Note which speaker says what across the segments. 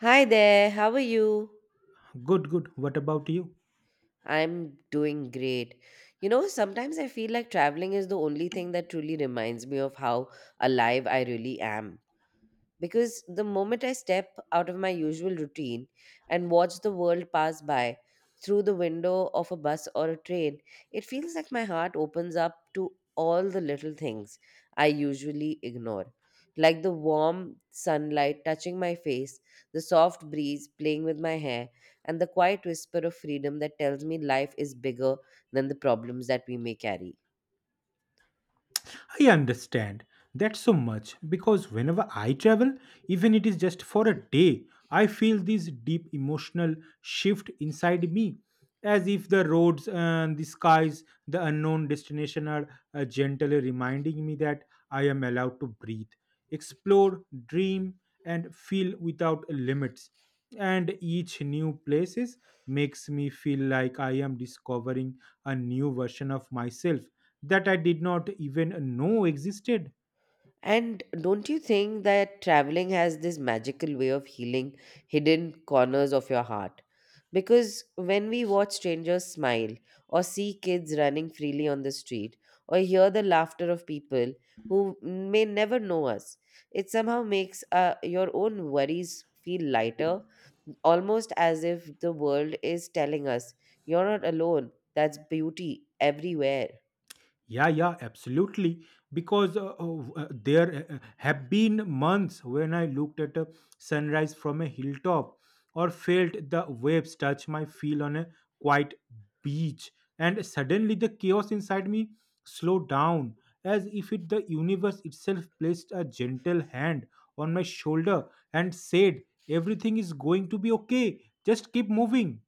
Speaker 1: Hi there, how are you?
Speaker 2: Good, good. What about you?
Speaker 1: I'm doing great. You know, sometimes I feel like traveling is the only thing that truly reminds me of how alive I really am. Because the moment I step out of my usual routine and watch the world pass by through the window of a bus or a train, it feels like my heart opens up to all the little things I usually ignore. Like the warm sunlight touching my face, the soft breeze playing with my hair, and the quiet whisper of freedom that tells me life is bigger than the problems that we may carry.
Speaker 2: I understand that so much because whenever I travel, even it is just for a day, I feel this deep emotional shift inside me as if the roads and the skies, the unknown destination are gently reminding me that I am allowed to breathe, explore, dream, and feel without limits. And each new places makes me feel like I am discovering a new version of myself that I did not even know existed.
Speaker 1: And don't you think that traveling has this magical way of healing hidden corners of your heart? Because when we watch strangers smile, or see kids running freely on the street, or hear the laughter of people who may never know us, it somehow makes your own worries feel lighter, almost as if the world is telling us, You're not alone. That's beauty everywhere.
Speaker 2: Yeah, yeah, absolutely. Because there have been months when I looked at a sunrise from a hilltop or felt the waves touch my feel on a quiet beach, and suddenly the chaos inside me slowed down as if it, the universe itself placed a gentle hand on my shoulder and said, Everything is going to be okay, just keep moving.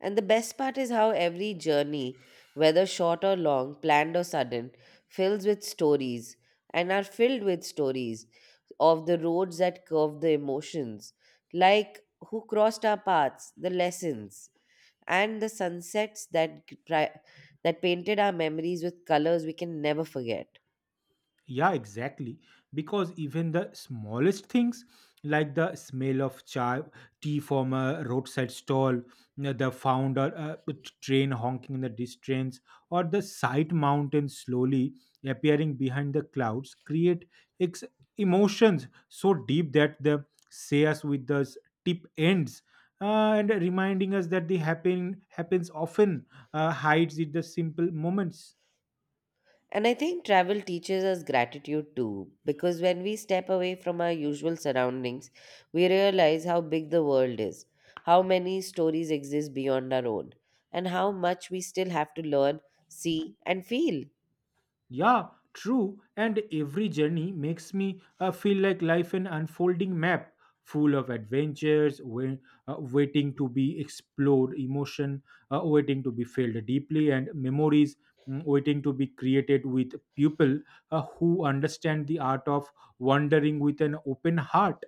Speaker 1: And the best part is how every journey, whether short or long, planned or sudden, fills with stories and are filled with stories of the roads that curve the emotions, like who crossed our paths, the lessons, and the sunsets that painted our memories with colors we can never forget.
Speaker 2: Yeah, exactly. Because even the smallest things, like the smell of chai, tea from a roadside stall, the founder train honking in the distance, or the sight mountain slowly appearing behind the clouds, create ex- emotions so deep that they say us with the tip ends. And reminding us that the happens often hides in the simple moments.
Speaker 1: And I think travel teaches us gratitude too, because when we step away from our usual surroundings, we realize how big the world is, how many stories exist beyond our own, and how much we still have to learn, see, and feel.
Speaker 2: Yeah, true. And every journey makes me feel like life an unfolding map full of adventures, waiting to be explored, emotion waiting to be felt deeply, and memories waiting to be created with people who understand the art of wandering with an open heart.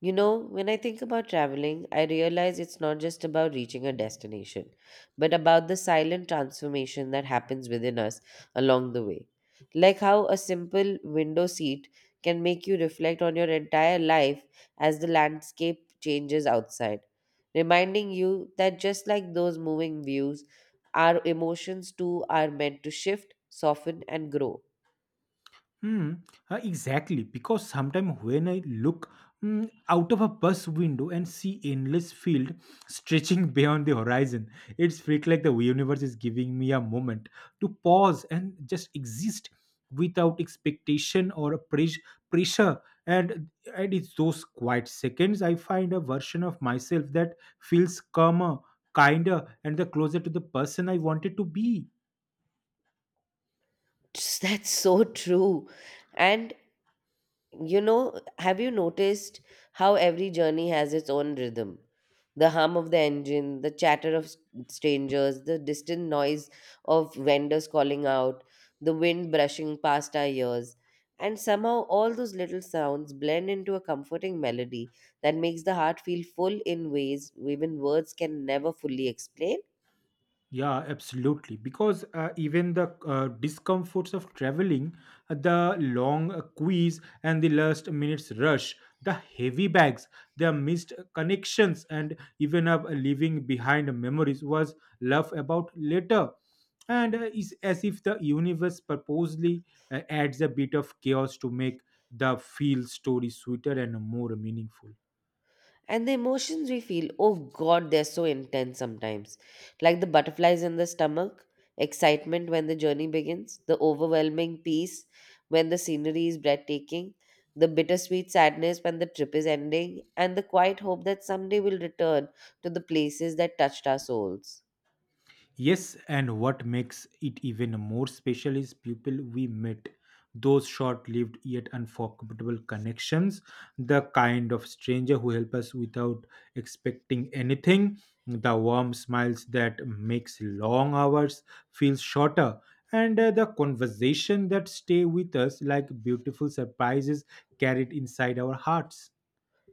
Speaker 1: You know, when I think about traveling, I realize it's not just about reaching a destination, but about the silent transformation that happens within us along the way. Like how a simple window seat can make you reflect on your entire life as the landscape changes outside, reminding you that just like those moving views, our emotions too are meant to shift, soften, and grow.
Speaker 2: Hmm. Exactly. Because sometimes when I look out of a bus window and see endless field stretching beyond the horizon, it's felt like the universe is giving me a moment to pause and just exist without expectation or a pressure. And and it's those quiet seconds I find a version of myself that feels calmer, kinder, and the closer to the person I wanted to be.
Speaker 1: That's so true. And you know, have you noticed how every journey has its own rhythm? The hum of the engine, the chatter of strangers, the distant noise of vendors calling out, the wind brushing past our ears. And somehow, all those little sounds blend into a comforting melody that makes the heart feel full in ways even words can never fully explain.
Speaker 2: Yeah, absolutely. Because even the discomforts of traveling, the long quiz and the last minute's rush, the heavy bags, the missed connections, and even leaving behind memories was laugh about later. And it's as if the universe purposely adds a bit of chaos to make the feel story sweeter and more meaningful.
Speaker 1: And the emotions we feel, oh God, they're so intense sometimes. Like the butterflies in the stomach, excitement when the journey begins, the overwhelming peace when the scenery is breathtaking, the bittersweet sadness when the trip is ending, and the quiet hope that someday we'll return to the places that touched our souls.
Speaker 2: Yes, and what makes it even more special is people we met, those short lived yet unforgettable connections, the kind of stranger who help us without expecting anything, the warm smiles that makes long hours feel shorter, and the conversation that stay with us like beautiful surprises carried inside our hearts.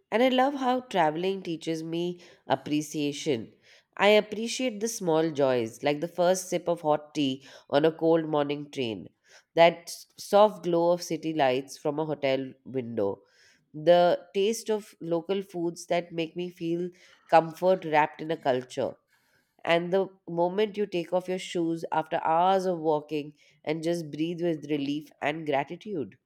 Speaker 1: And I love how traveling teaches me appreciation. I appreciate the small joys, like the first sip of hot tea on a cold morning train, that soft glow of city lights from a hotel window, the taste of local foods that make me feel comfort wrapped in a culture, and the moment you take off your shoes after hours of walking and just breathe with relief and gratitude.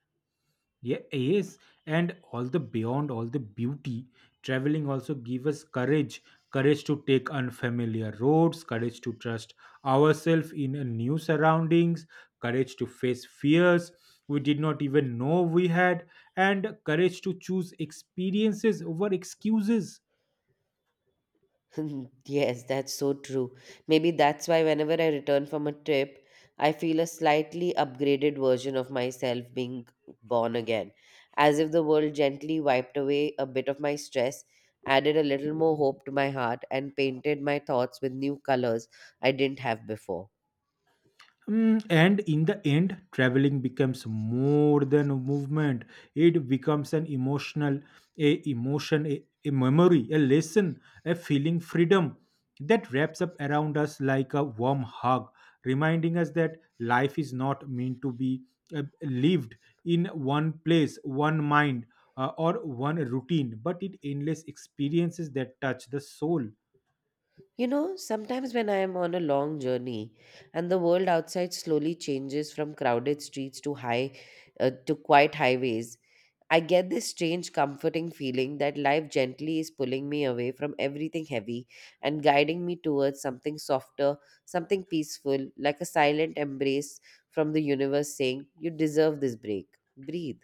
Speaker 2: Yeah, yes, and all the beyond all the beauty, traveling also give us courage, courage to take unfamiliar roads, courage to trust ourselves in a new surroundings, courage to face fears we did not even know we had, and courage to choose experiences over excuses.
Speaker 1: Yes, that's so true. Maybe that's why whenever I return from a trip, I feel a slightly upgraded version of myself being born again, as if the world gently wiped away a bit of my stress, added a little more hope to my heart, and painted my thoughts with new colors I didn't have before.
Speaker 2: Mm, and in the end, traveling becomes more than a movement. It becomes an emotional, a emotion, a memory, a lesson, a feeling freedom that wraps up around us like a warm hug, reminding us that life is not meant to be lived in one place, one mind, or one routine, but it endless experiences that touch the soul.
Speaker 1: You know, sometimes when I am on a long journey and the world outside slowly changes from crowded streets to high to quiet highways, I get this strange, comforting feeling that life gently is pulling me away from everything heavy and guiding me towards something softer, something peaceful, like a silent embrace from the universe saying, You deserve this break. Breathe.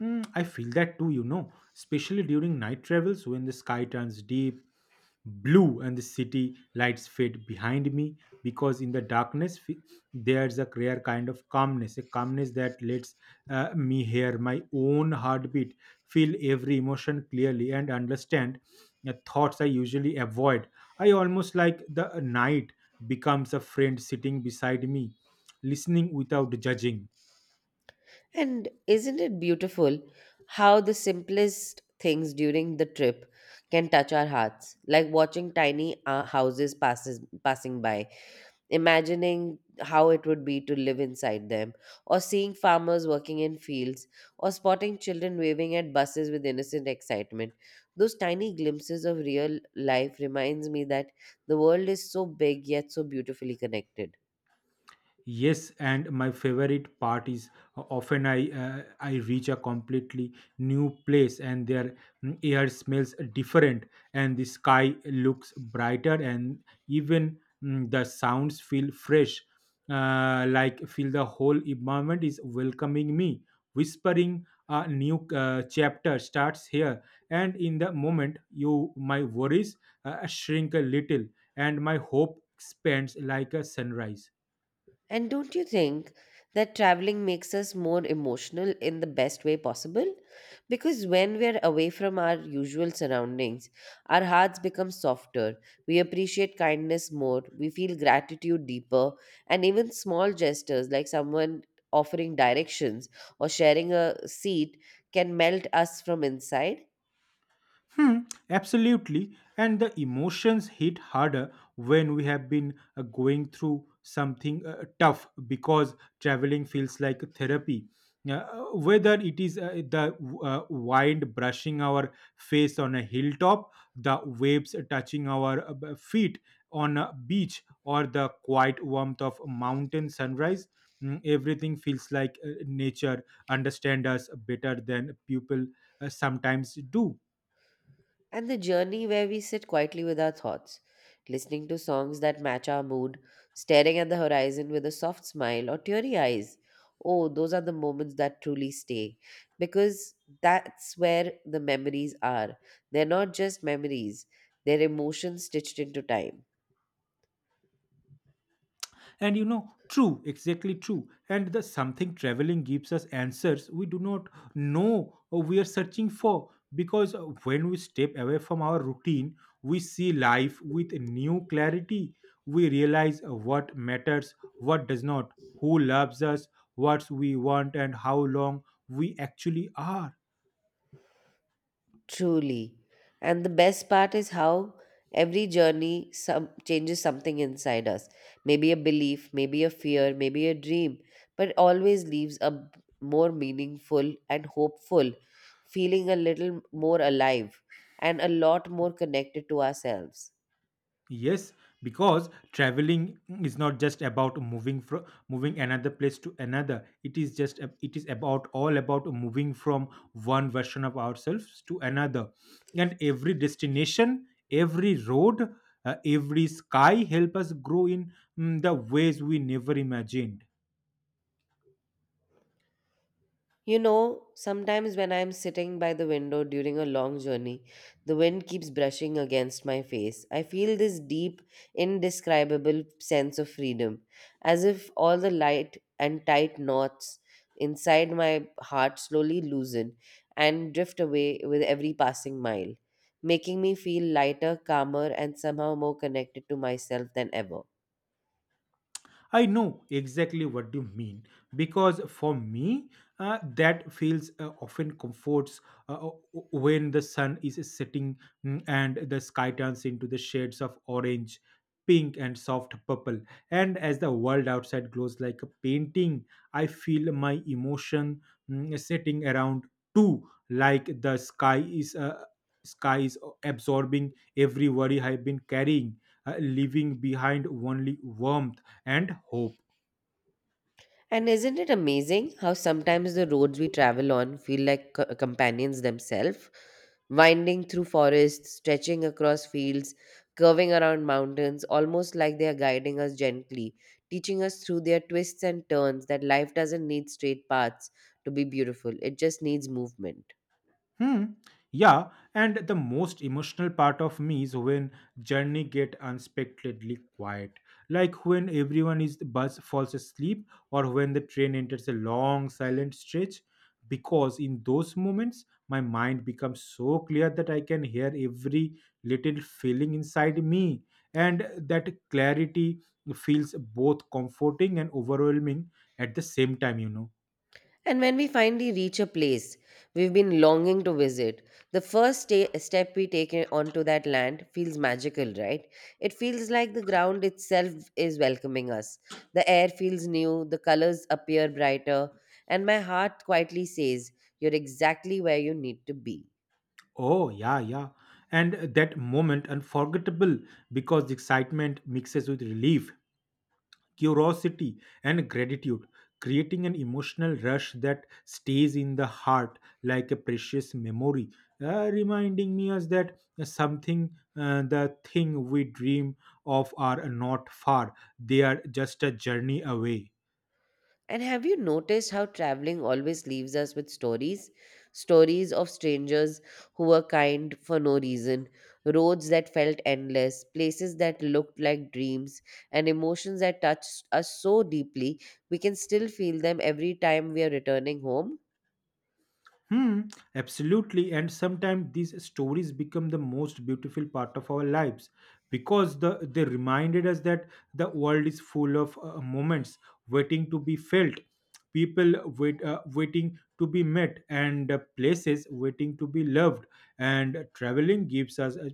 Speaker 2: Hmm, I feel that too, you know, especially during night travels when the sky turns deep blue and the city lights fade behind me because in the darkness there's a rare kind of calmness a calmness that lets me hear my own heartbeat feel every emotion clearly and understand thoughts I usually avoid I almost like the night becomes a friend sitting beside me listening without judging.
Speaker 1: And isn't it beautiful how the simplest things during the trip can touch our hearts, like watching tiny houses passing by, imagining how it would be to live inside them, or seeing farmers working in fields, or spotting children waving at buses with innocent excitement. Those tiny glimpses of real life reminds me that the world is so big yet so beautifully connected.
Speaker 2: Yes, and my favorite part is often I reach a completely new place and their air smells different and the sky looks brighter and even the sounds feel fresh. Like feel the whole environment is welcoming me, whispering a new chapter starts here. And in the moment, you my worries shrink a little and my hope expands like a sunrise.
Speaker 1: And don't you think that traveling makes us more emotional in the best way possible? Because when we're away from our usual surroundings, our hearts become softer, we appreciate kindness more, we feel gratitude deeper, and even small gestures like someone offering directions or sharing a seat can melt us from inside.
Speaker 2: Hmm, absolutely. And the emotions hit harder when we have been going through something tough because traveling feels like therapy. Uh, whether it is the wind brushing our face on a hilltop, the waves touching our feet on a beach, or the quiet warmth of mountain sunrise, everything feels like nature understand us better than people sometimes do.
Speaker 1: And the journey where we sit quietly with our thoughts, listening to songs that match our mood, staring at the horizon with a soft smile or teary eyes. Oh, those are the moments that truly stay because that's where the memories are. They're not just memories, they're emotions stitched into time.
Speaker 2: And you know true exactly true and the something traveling gives us answers we do not know or we are searching for because when we step away from our routine we see life with new clarity we realize what matters what does not who loves us what we want and how long we actually are.
Speaker 1: Truly. And the best part is how every journey some changes something inside us. Maybe a belief, maybe a fear, maybe a dream, but it always leaves more meaningful and hopeful, feeling a little more alive and a lot more connected to ourselves.
Speaker 2: Yes, because traveling is not just about moving from moving another place to another. It is just it is about all about moving from one version of ourselves to another. And every destination, every road, every sky help us grow in the ways we never imagined.
Speaker 1: You know, sometimes when I'm sitting by the window during a long journey, the wind keeps brushing against my face. I feel this deep, indescribable sense of freedom, as if all the light and tight knots inside my heart slowly loosen and drift away with every passing mile, making me feel lighter, calmer, and somehow more connected to myself than ever.
Speaker 2: I know exactly what you mean because for me, that feels often comforts when the sun is setting and the sky turns into the shades of orange, pink, and soft purple. And as the world outside glows like a painting, I feel my emotion setting around too, like the sky is absorbing every worry I've been carrying leaving behind only warmth and hope.
Speaker 1: And isn't it amazing how sometimes the roads we travel on feel like companions themselves? Winding through forests, stretching across fields, curving around mountains, almost like they are guiding us gently, teaching us through their twists and turns that life doesn't need straight paths to be beautiful, it just needs movement.
Speaker 2: Hmm. Yeah, and the most emotional part of me is when journey get unexpectedly quiet, like when everyone is bus falls asleep or when the train enters a long silent stretch. Because in those moments, my mind becomes so clear that I can hear every little feeling inside me, and that clarity feels both comforting and overwhelming at the same time, you know.
Speaker 1: And when we finally reach a place we've been longing to visit, the first step we take onto that land feels magical, right? It feels like the ground itself is welcoming us. The air feels new, the colors appear brighter, and my heart quietly says, You're exactly where you need to be.
Speaker 2: Oh, yeah, yeah. And that moment unforgettable because the excitement mixes with relief, curiosity, and gratitude, creating an emotional rush that stays in the heart like a precious memory, reminding me us that something, the thing we dream of, are not far. They are just a journey away.
Speaker 1: And have you noticed how traveling always leaves us with stories? Stories of strangers who were kind for no reason, roads that felt endless, places that looked like dreams, and emotions that touched us so deeply we can still feel them every time we are returning home.
Speaker 2: Hmm, absolutely. And sometimes these stories become the most beautiful part of our lives because the, they reminded us that the world is full of moments waiting to be felt, people waiting to be met, and places waiting to be loved. And traveling gives us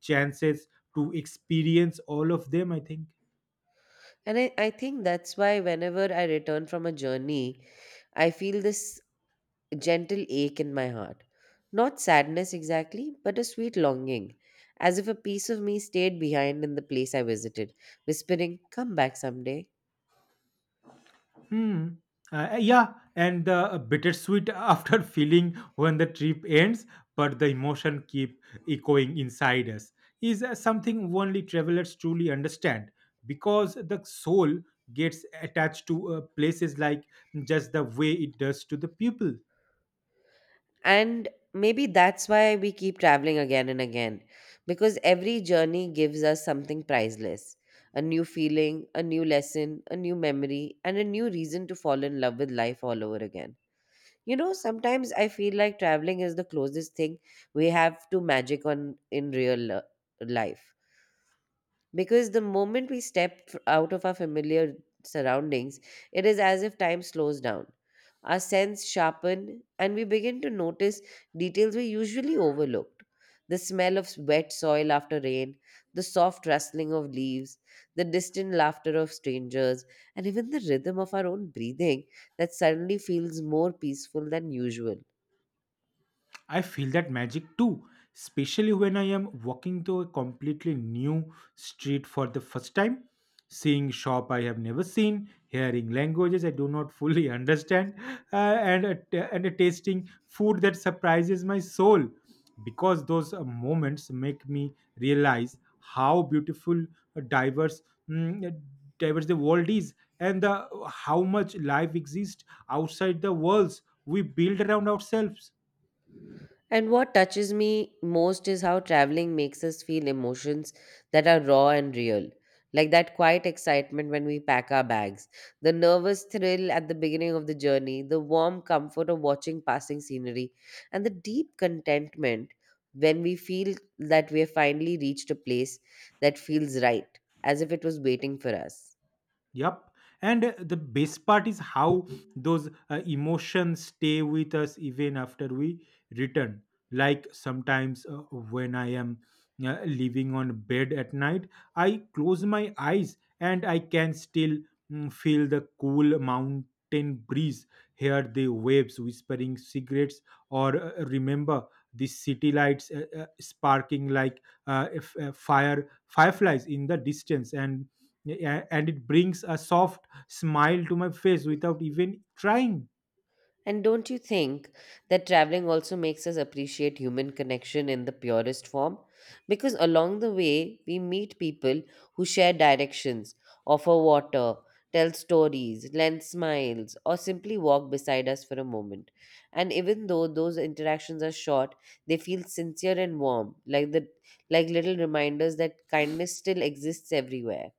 Speaker 2: chances to experience all of them, I think.
Speaker 1: And I think that's why whenever I return from a journey, I feel this a gentle ache in my heart. Not sadness exactly, but a sweet longing, as if a piece of me stayed behind in the place I visited, whispering, Come back someday.
Speaker 2: Hmm. Yeah, and the bittersweet after feeling when the trip ends, but the emotion keep echoing inside us is something only travelers truly understand because the soul gets attached to places like just the way it does to the people.
Speaker 1: And maybe that's why we keep traveling again and again, because every journey gives us something priceless, a new feeling, a new lesson, a new memory, and a new reason to fall in love with life all over again. You know, sometimes I feel like traveling is the closest thing we have to magic on in real life. Because the moment we step out of our familiar surroundings, it is as if time slows down. Our sense sharpen and we begin to notice details we usually overlooked. The smell of wet soil after rain, the soft rustling of leaves, the distant laughter of strangers, and even the rhythm of our own breathing that suddenly feels more peaceful than usual.
Speaker 2: I feel that magic too, especially when I am walking to a completely new street for the first time, seeing shop I have never seen, hearing languages I do not fully understand, and tasting food that surprises my soul. Because those moments make me realize how beautiful, uh, diverse, mm, uh, diverse the world is, and the, how much life exists outside the walls we build around ourselves.
Speaker 1: And what touches me most is how traveling makes us feel emotions that are raw and real. Like that quiet excitement when we pack our bags, the nervous thrill at the beginning of the journey, the warm comfort of watching passing scenery, and the deep contentment when we feel that we have finally reached a place that feels right, as if it was waiting for us.
Speaker 2: Yep. And the best part is how those emotions stay with us even after we return. Like sometimes when I am living on bed at night, I close my eyes and I can still feel the cool mountain breeze, hear the waves whispering cigarettes, or remember the city lights sparking like fireflies in the distance and yeah, yeah, and it brings a soft smile to my face without even trying.
Speaker 1: And don't you think that traveling also makes us appreciate human connection in the purest form? Because along the way, we meet people who share directions, offer water, tell stories, lend smiles, or simply walk beside us for a moment. And even though those interactions are short, they feel sincere and warm, like the like little reminders that kindness still exists everywhere.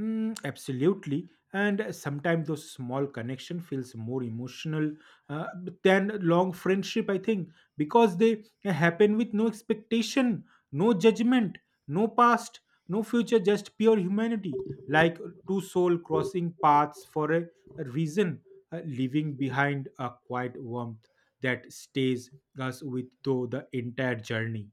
Speaker 2: Mm, absolutely. And sometimes those small connection feels more emotional uh, than long friendship, I think, because they happen with no expectation, no judgment, no past, no future, just pure humanity, like two soul crossing paths for a reason, leaving behind a quiet warmth that stays us with through the entire journey.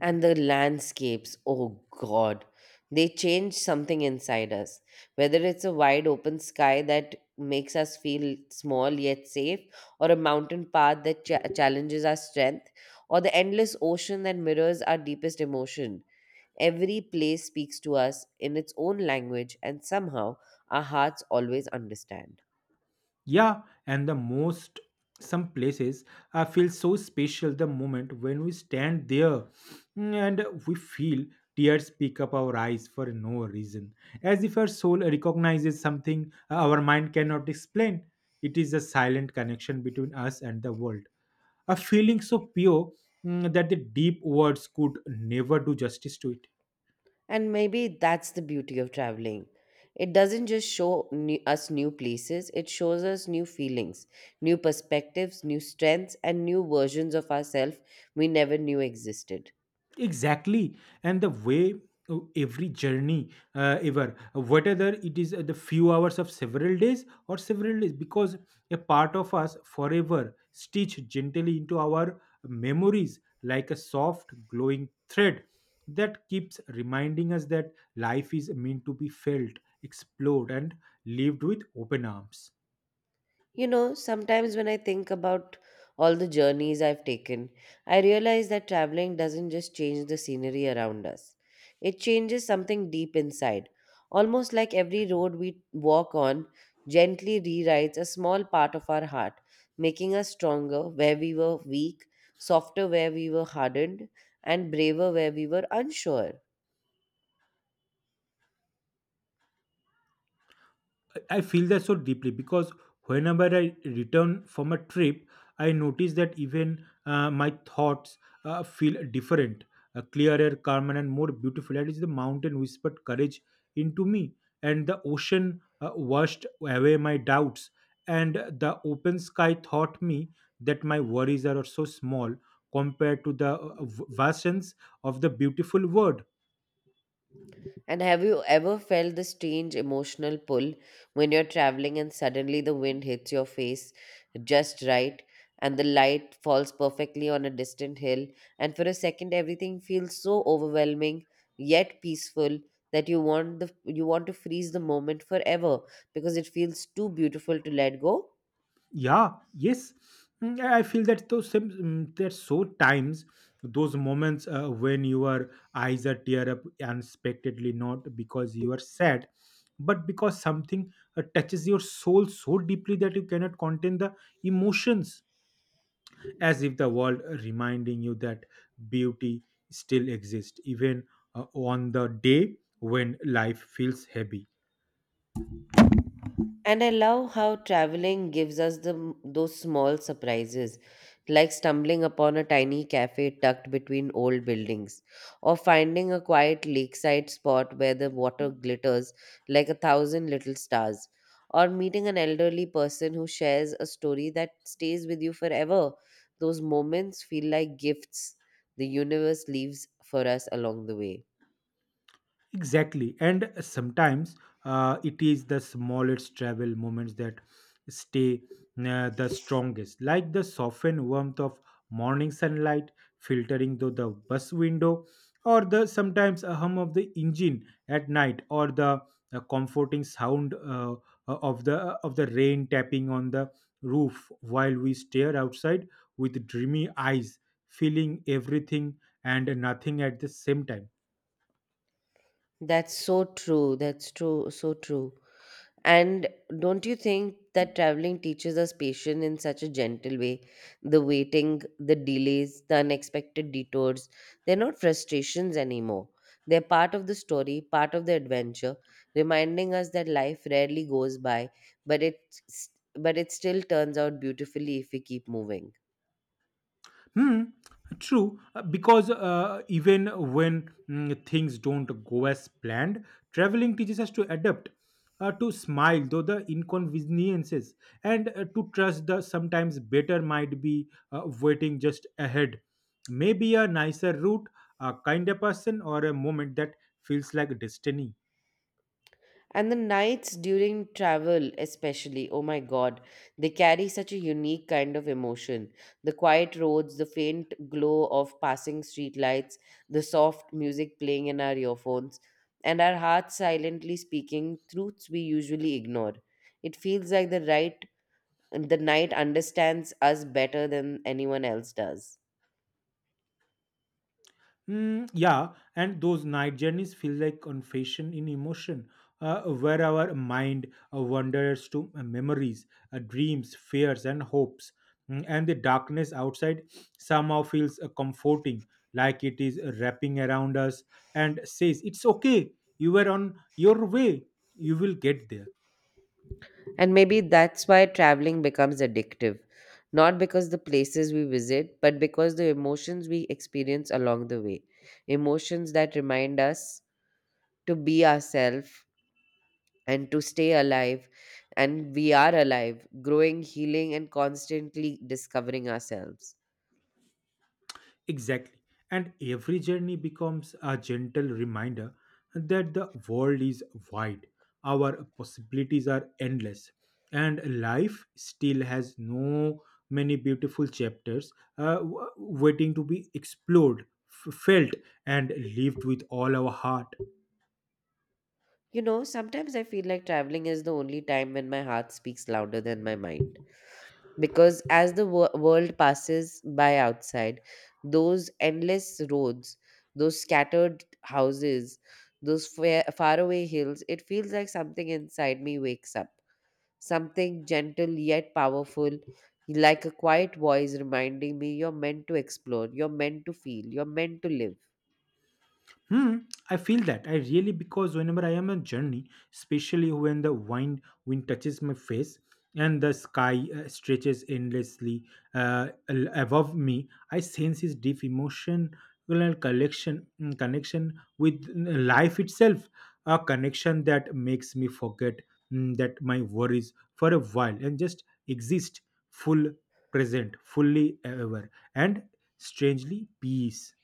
Speaker 1: And the landscapes, oh God, they change something inside us. Whether it's a wide open sky that makes us feel small yet safe, or a mountain path that challenges our strength, or the endless ocean that mirrors our deepest emotion, every place speaks to us in its own language, and somehow our hearts always understand.
Speaker 2: Yeah, and the most some places I feel so special the moment when we stand there and we feel tears pick up our eyes for no reason, as if our soul recognizes something our mind cannot explain. It is a silent connection between us and the world, a feeling so pure that the deep words could never do justice to it.
Speaker 1: And maybe that's the beauty of traveling. It doesn't just show us new places, it shows us new feelings, new perspectives, new strengths, and new versions of ourselves we never knew existed.
Speaker 2: Exactly. And the way, every journey, ever, whether it is the few hours of several days or several days, because a part of us forever stitched gently into our memories like a soft glowing thread that keeps reminding us that life is meant to be felt, explored, and lived with open arms.
Speaker 1: You know, sometimes when I think about all the journeys I've taken, I realize that traveling doesn't just change the scenery around us, it changes something deep inside. Almost like every road we walk on gently rewrites a small part of our heart, making us stronger where we were weak, softer where we were hardened, and braver where we were unsure.
Speaker 2: I feel that so deeply because whenever I return from a trip, I notice that even my thoughts feel different, clearer, calmer, and more beautiful. That is the mountain whispered courage into me, and the ocean washed away my doubts, and the open sky taught me that my worries are so small compared to the vastness of the beautiful world.
Speaker 1: And have you ever felt the strange emotional pull when you're traveling and suddenly the wind hits your face just right and the light falls perfectly on a distant hill? And for a second, everything feels so overwhelming yet peaceful that you want to freeze the moment forever because it feels too beautiful to let go.
Speaker 2: Yeah, yes. I feel that those some mm, there's so times those moments when your eyes are tear up unexpectedly, not because you are sad, but because something touches your soul so deeply that you cannot contain the emotions. As if the world reminding you that beauty still exists, even on the day when life feels heavy.
Speaker 1: And I love how traveling gives us those small surprises, like stumbling upon a tiny cafe tucked between old buildings, or finding a quiet lakeside spot where the water glitters like a thousand little stars, or meeting an elderly person who shares a story that stays with you forever. Those moments feel like gifts the universe leaves for us along the way.
Speaker 2: Exactly. And sometimes it is the smallest travel moments that stay the strongest, like the softened warmth of morning sunlight filtering through the bus window, or the sometimes a hum of the engine at night, or the comforting sound of the rain tapping on the roof while we stare outside with dreamy eyes, feeling everything and nothing at the same time.
Speaker 1: That's so true. That's true. So true. And don't you think that traveling teaches us patience in such a gentle way? The waiting, the delays, the unexpected detours, they're not frustrations anymore. They're part of the story, part of the adventure, reminding us that life rarely goes by, but it, but it still turns out beautifully if we keep moving.
Speaker 2: Hmm, true. Because even when things don't go as planned, traveling teaches us to adapt, to smile though the inconveniences, and to trust the sometimes better might be waiting just ahead. Maybe a nicer route, a kinder person, or a moment that feels like destiny.
Speaker 1: And the nights during travel, especially, oh my god, they carry such a unique kind of emotion. The quiet roads, the faint glow of passing streetlights, the soft music playing in our earphones, and our hearts silently speaking truths we usually ignore. It feels like the night understands us better than anyone else does.
Speaker 2: Yeah, and those night journeys feel like confession in emotion, where our mind wanders to memories, dreams, fears, and hopes. And the darkness outside somehow feels comforting, like it is wrapping around us and says, "It's okay, you were on your way, you will get there."
Speaker 1: And maybe that's why traveling becomes addictive, not because the places we visit, but because the emotions we experience along the way. Emotions that remind us to be ourselves and to stay alive. And we are alive, growing, healing, and constantly discovering ourselves.
Speaker 2: Exactly. And every journey becomes a gentle reminder that the world is wide, our possibilities are endless, and life still has no many beautiful chapters waiting to be explored, felt, and lived with all our heart.
Speaker 1: You know, sometimes I feel like traveling is the only time when my heart speaks louder than my mind, because as the world passes by outside, those endless roads, those scattered houses, those far, faraway hills, it feels like something inside me wakes up, something gentle yet powerful, like a quiet voice reminding me, you're meant to explore, you're meant to feel, you're meant to live.
Speaker 2: Hmm, I feel that. I really, because whenever I am on journey, especially when the wind touches my face and the sky stretches endlessly above me, I sense this deep emotional connection with life itself, a connection that makes me forget that my worries for a while and just exist full present, fully ever, and strangely peace.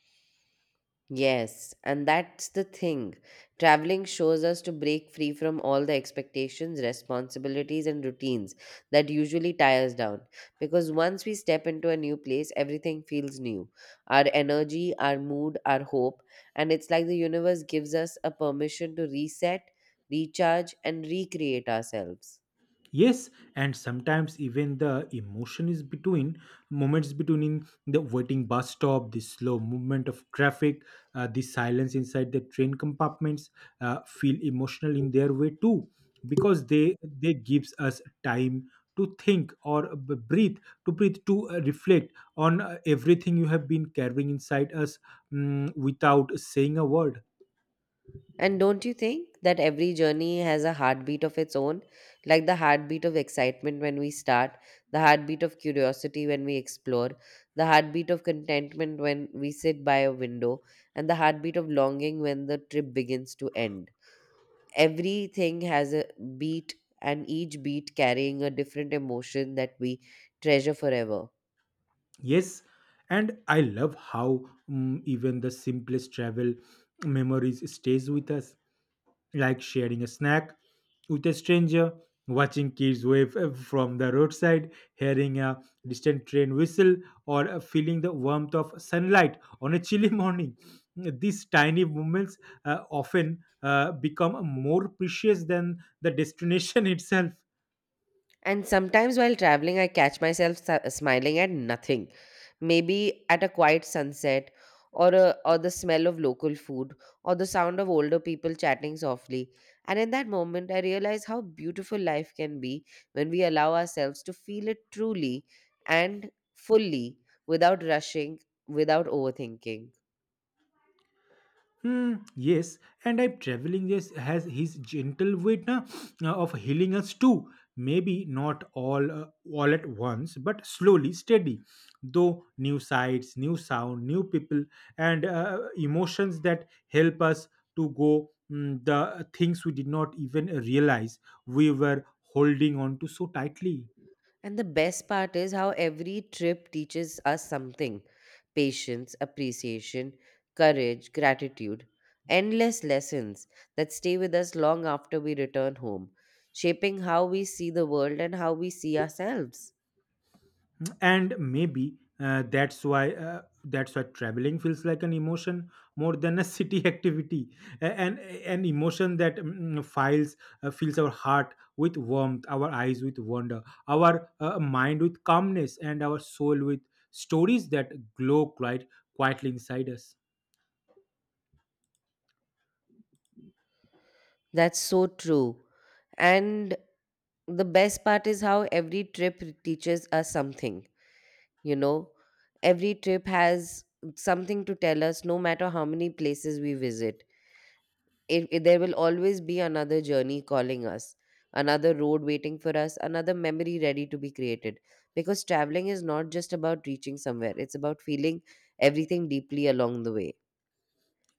Speaker 1: Yes, and that's the thing. Traveling shows us to break free from all the expectations, responsibilities, and routines that usually tie us down. Because once we step into a new place, everything feels new. Our energy, our mood, our hope. And it's like the universe gives us a permission to reset, recharge, and recreate ourselves.
Speaker 2: Yes, and sometimes even the emotion is between moments, between in the waiting bus stop, the slow movement of traffic, the silence inside the train compartments, feel emotional in their way too, because they gives us time to think or b- breathe to breathe to reflect on everything you have been carrying inside us, without saying a word.
Speaker 1: And don't you think that every journey has a heartbeat of its own? Like the heartbeat of excitement when we start, the heartbeat of curiosity when we explore, the heartbeat of contentment when we sit by a window, and the heartbeat of longing when the trip begins to end. Everything has a beat, and each beat carrying a different emotion that we treasure forever.
Speaker 2: Yes, and I love how even the simplest travel memories stays with us, like sharing a snack with a stranger, watching kids wave from the roadside, hearing a distant train whistle, or feeling the warmth of sunlight on a chilly morning. These tiny moments often become more precious than the destination itself.
Speaker 1: And sometimes while traveling, I catch myself smiling at nothing. Maybe at a quiet sunset, or the smell of local food, or the sound of older people chatting softly. And in that moment, I realize how beautiful life can be when we allow ourselves to feel it truly and fully, without rushing, without overthinking.
Speaker 2: Hmm, yes, and I'm traveling, yes, has his gentle way na, of healing us too. Maybe not all at once, but slowly, steady. Though new sights, new sound, new people, and emotions that help us to go the things we did not even realize we were holding on to so tightly.
Speaker 1: And the best part is how every trip teaches us something: patience, appreciation, courage, gratitude, endless lessons that stay with us long after we return home, shaping how we see the world and how we see ourselves.
Speaker 2: And maybe that's why traveling feels like an emotion more than a city activity. And an emotion that mm, mm, files fills our heart with warmth, our eyes with wonder, our mind with calmness, and our soul with stories that glow quite quietly inside us.
Speaker 1: That's so true. And the best part is how every trip teaches us something. You know, every trip has something to tell us, no matter how many places we visit there will always be another journey calling us, another road waiting for us, another memory ready to be created, because traveling is not just about reaching somewhere, it's about feeling everything deeply along the way.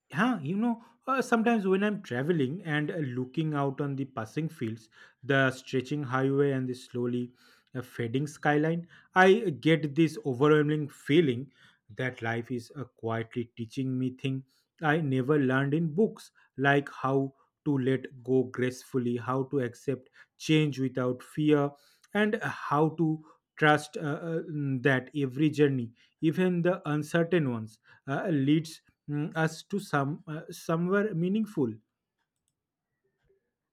Speaker 2: Yeah, you know, sometimes when I'm traveling and looking out on the passing fields, the stretching highway, and the slowly fading skyline, I get this overwhelming feeling that life is quietly teaching me things I never learned in books, like how to let go gracefully, how to accept change without fear, and how to trust uh, that every journey, even the uncertain ones, leads us to somewhere meaningful.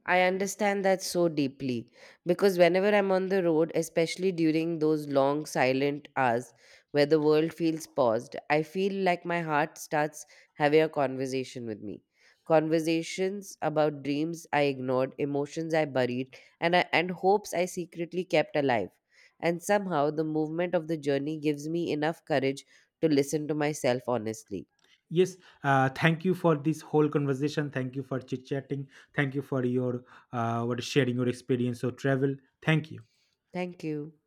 Speaker 1: I understand that so deeply because whenever I'm on the road, especially during those long silent hours where the world feels paused, I feel like my heart starts having a conversation with me. Conversations about dreams I ignored, emotions I buried, and hopes I secretly kept alive. And somehow the movement of the journey gives me enough courage to listen to myself honestly.
Speaker 2: Yes, thank you for this whole conversation, thank you for chit chatting, thank you for your what sharing your experience or travel. Thank you.
Speaker 1: Thank you.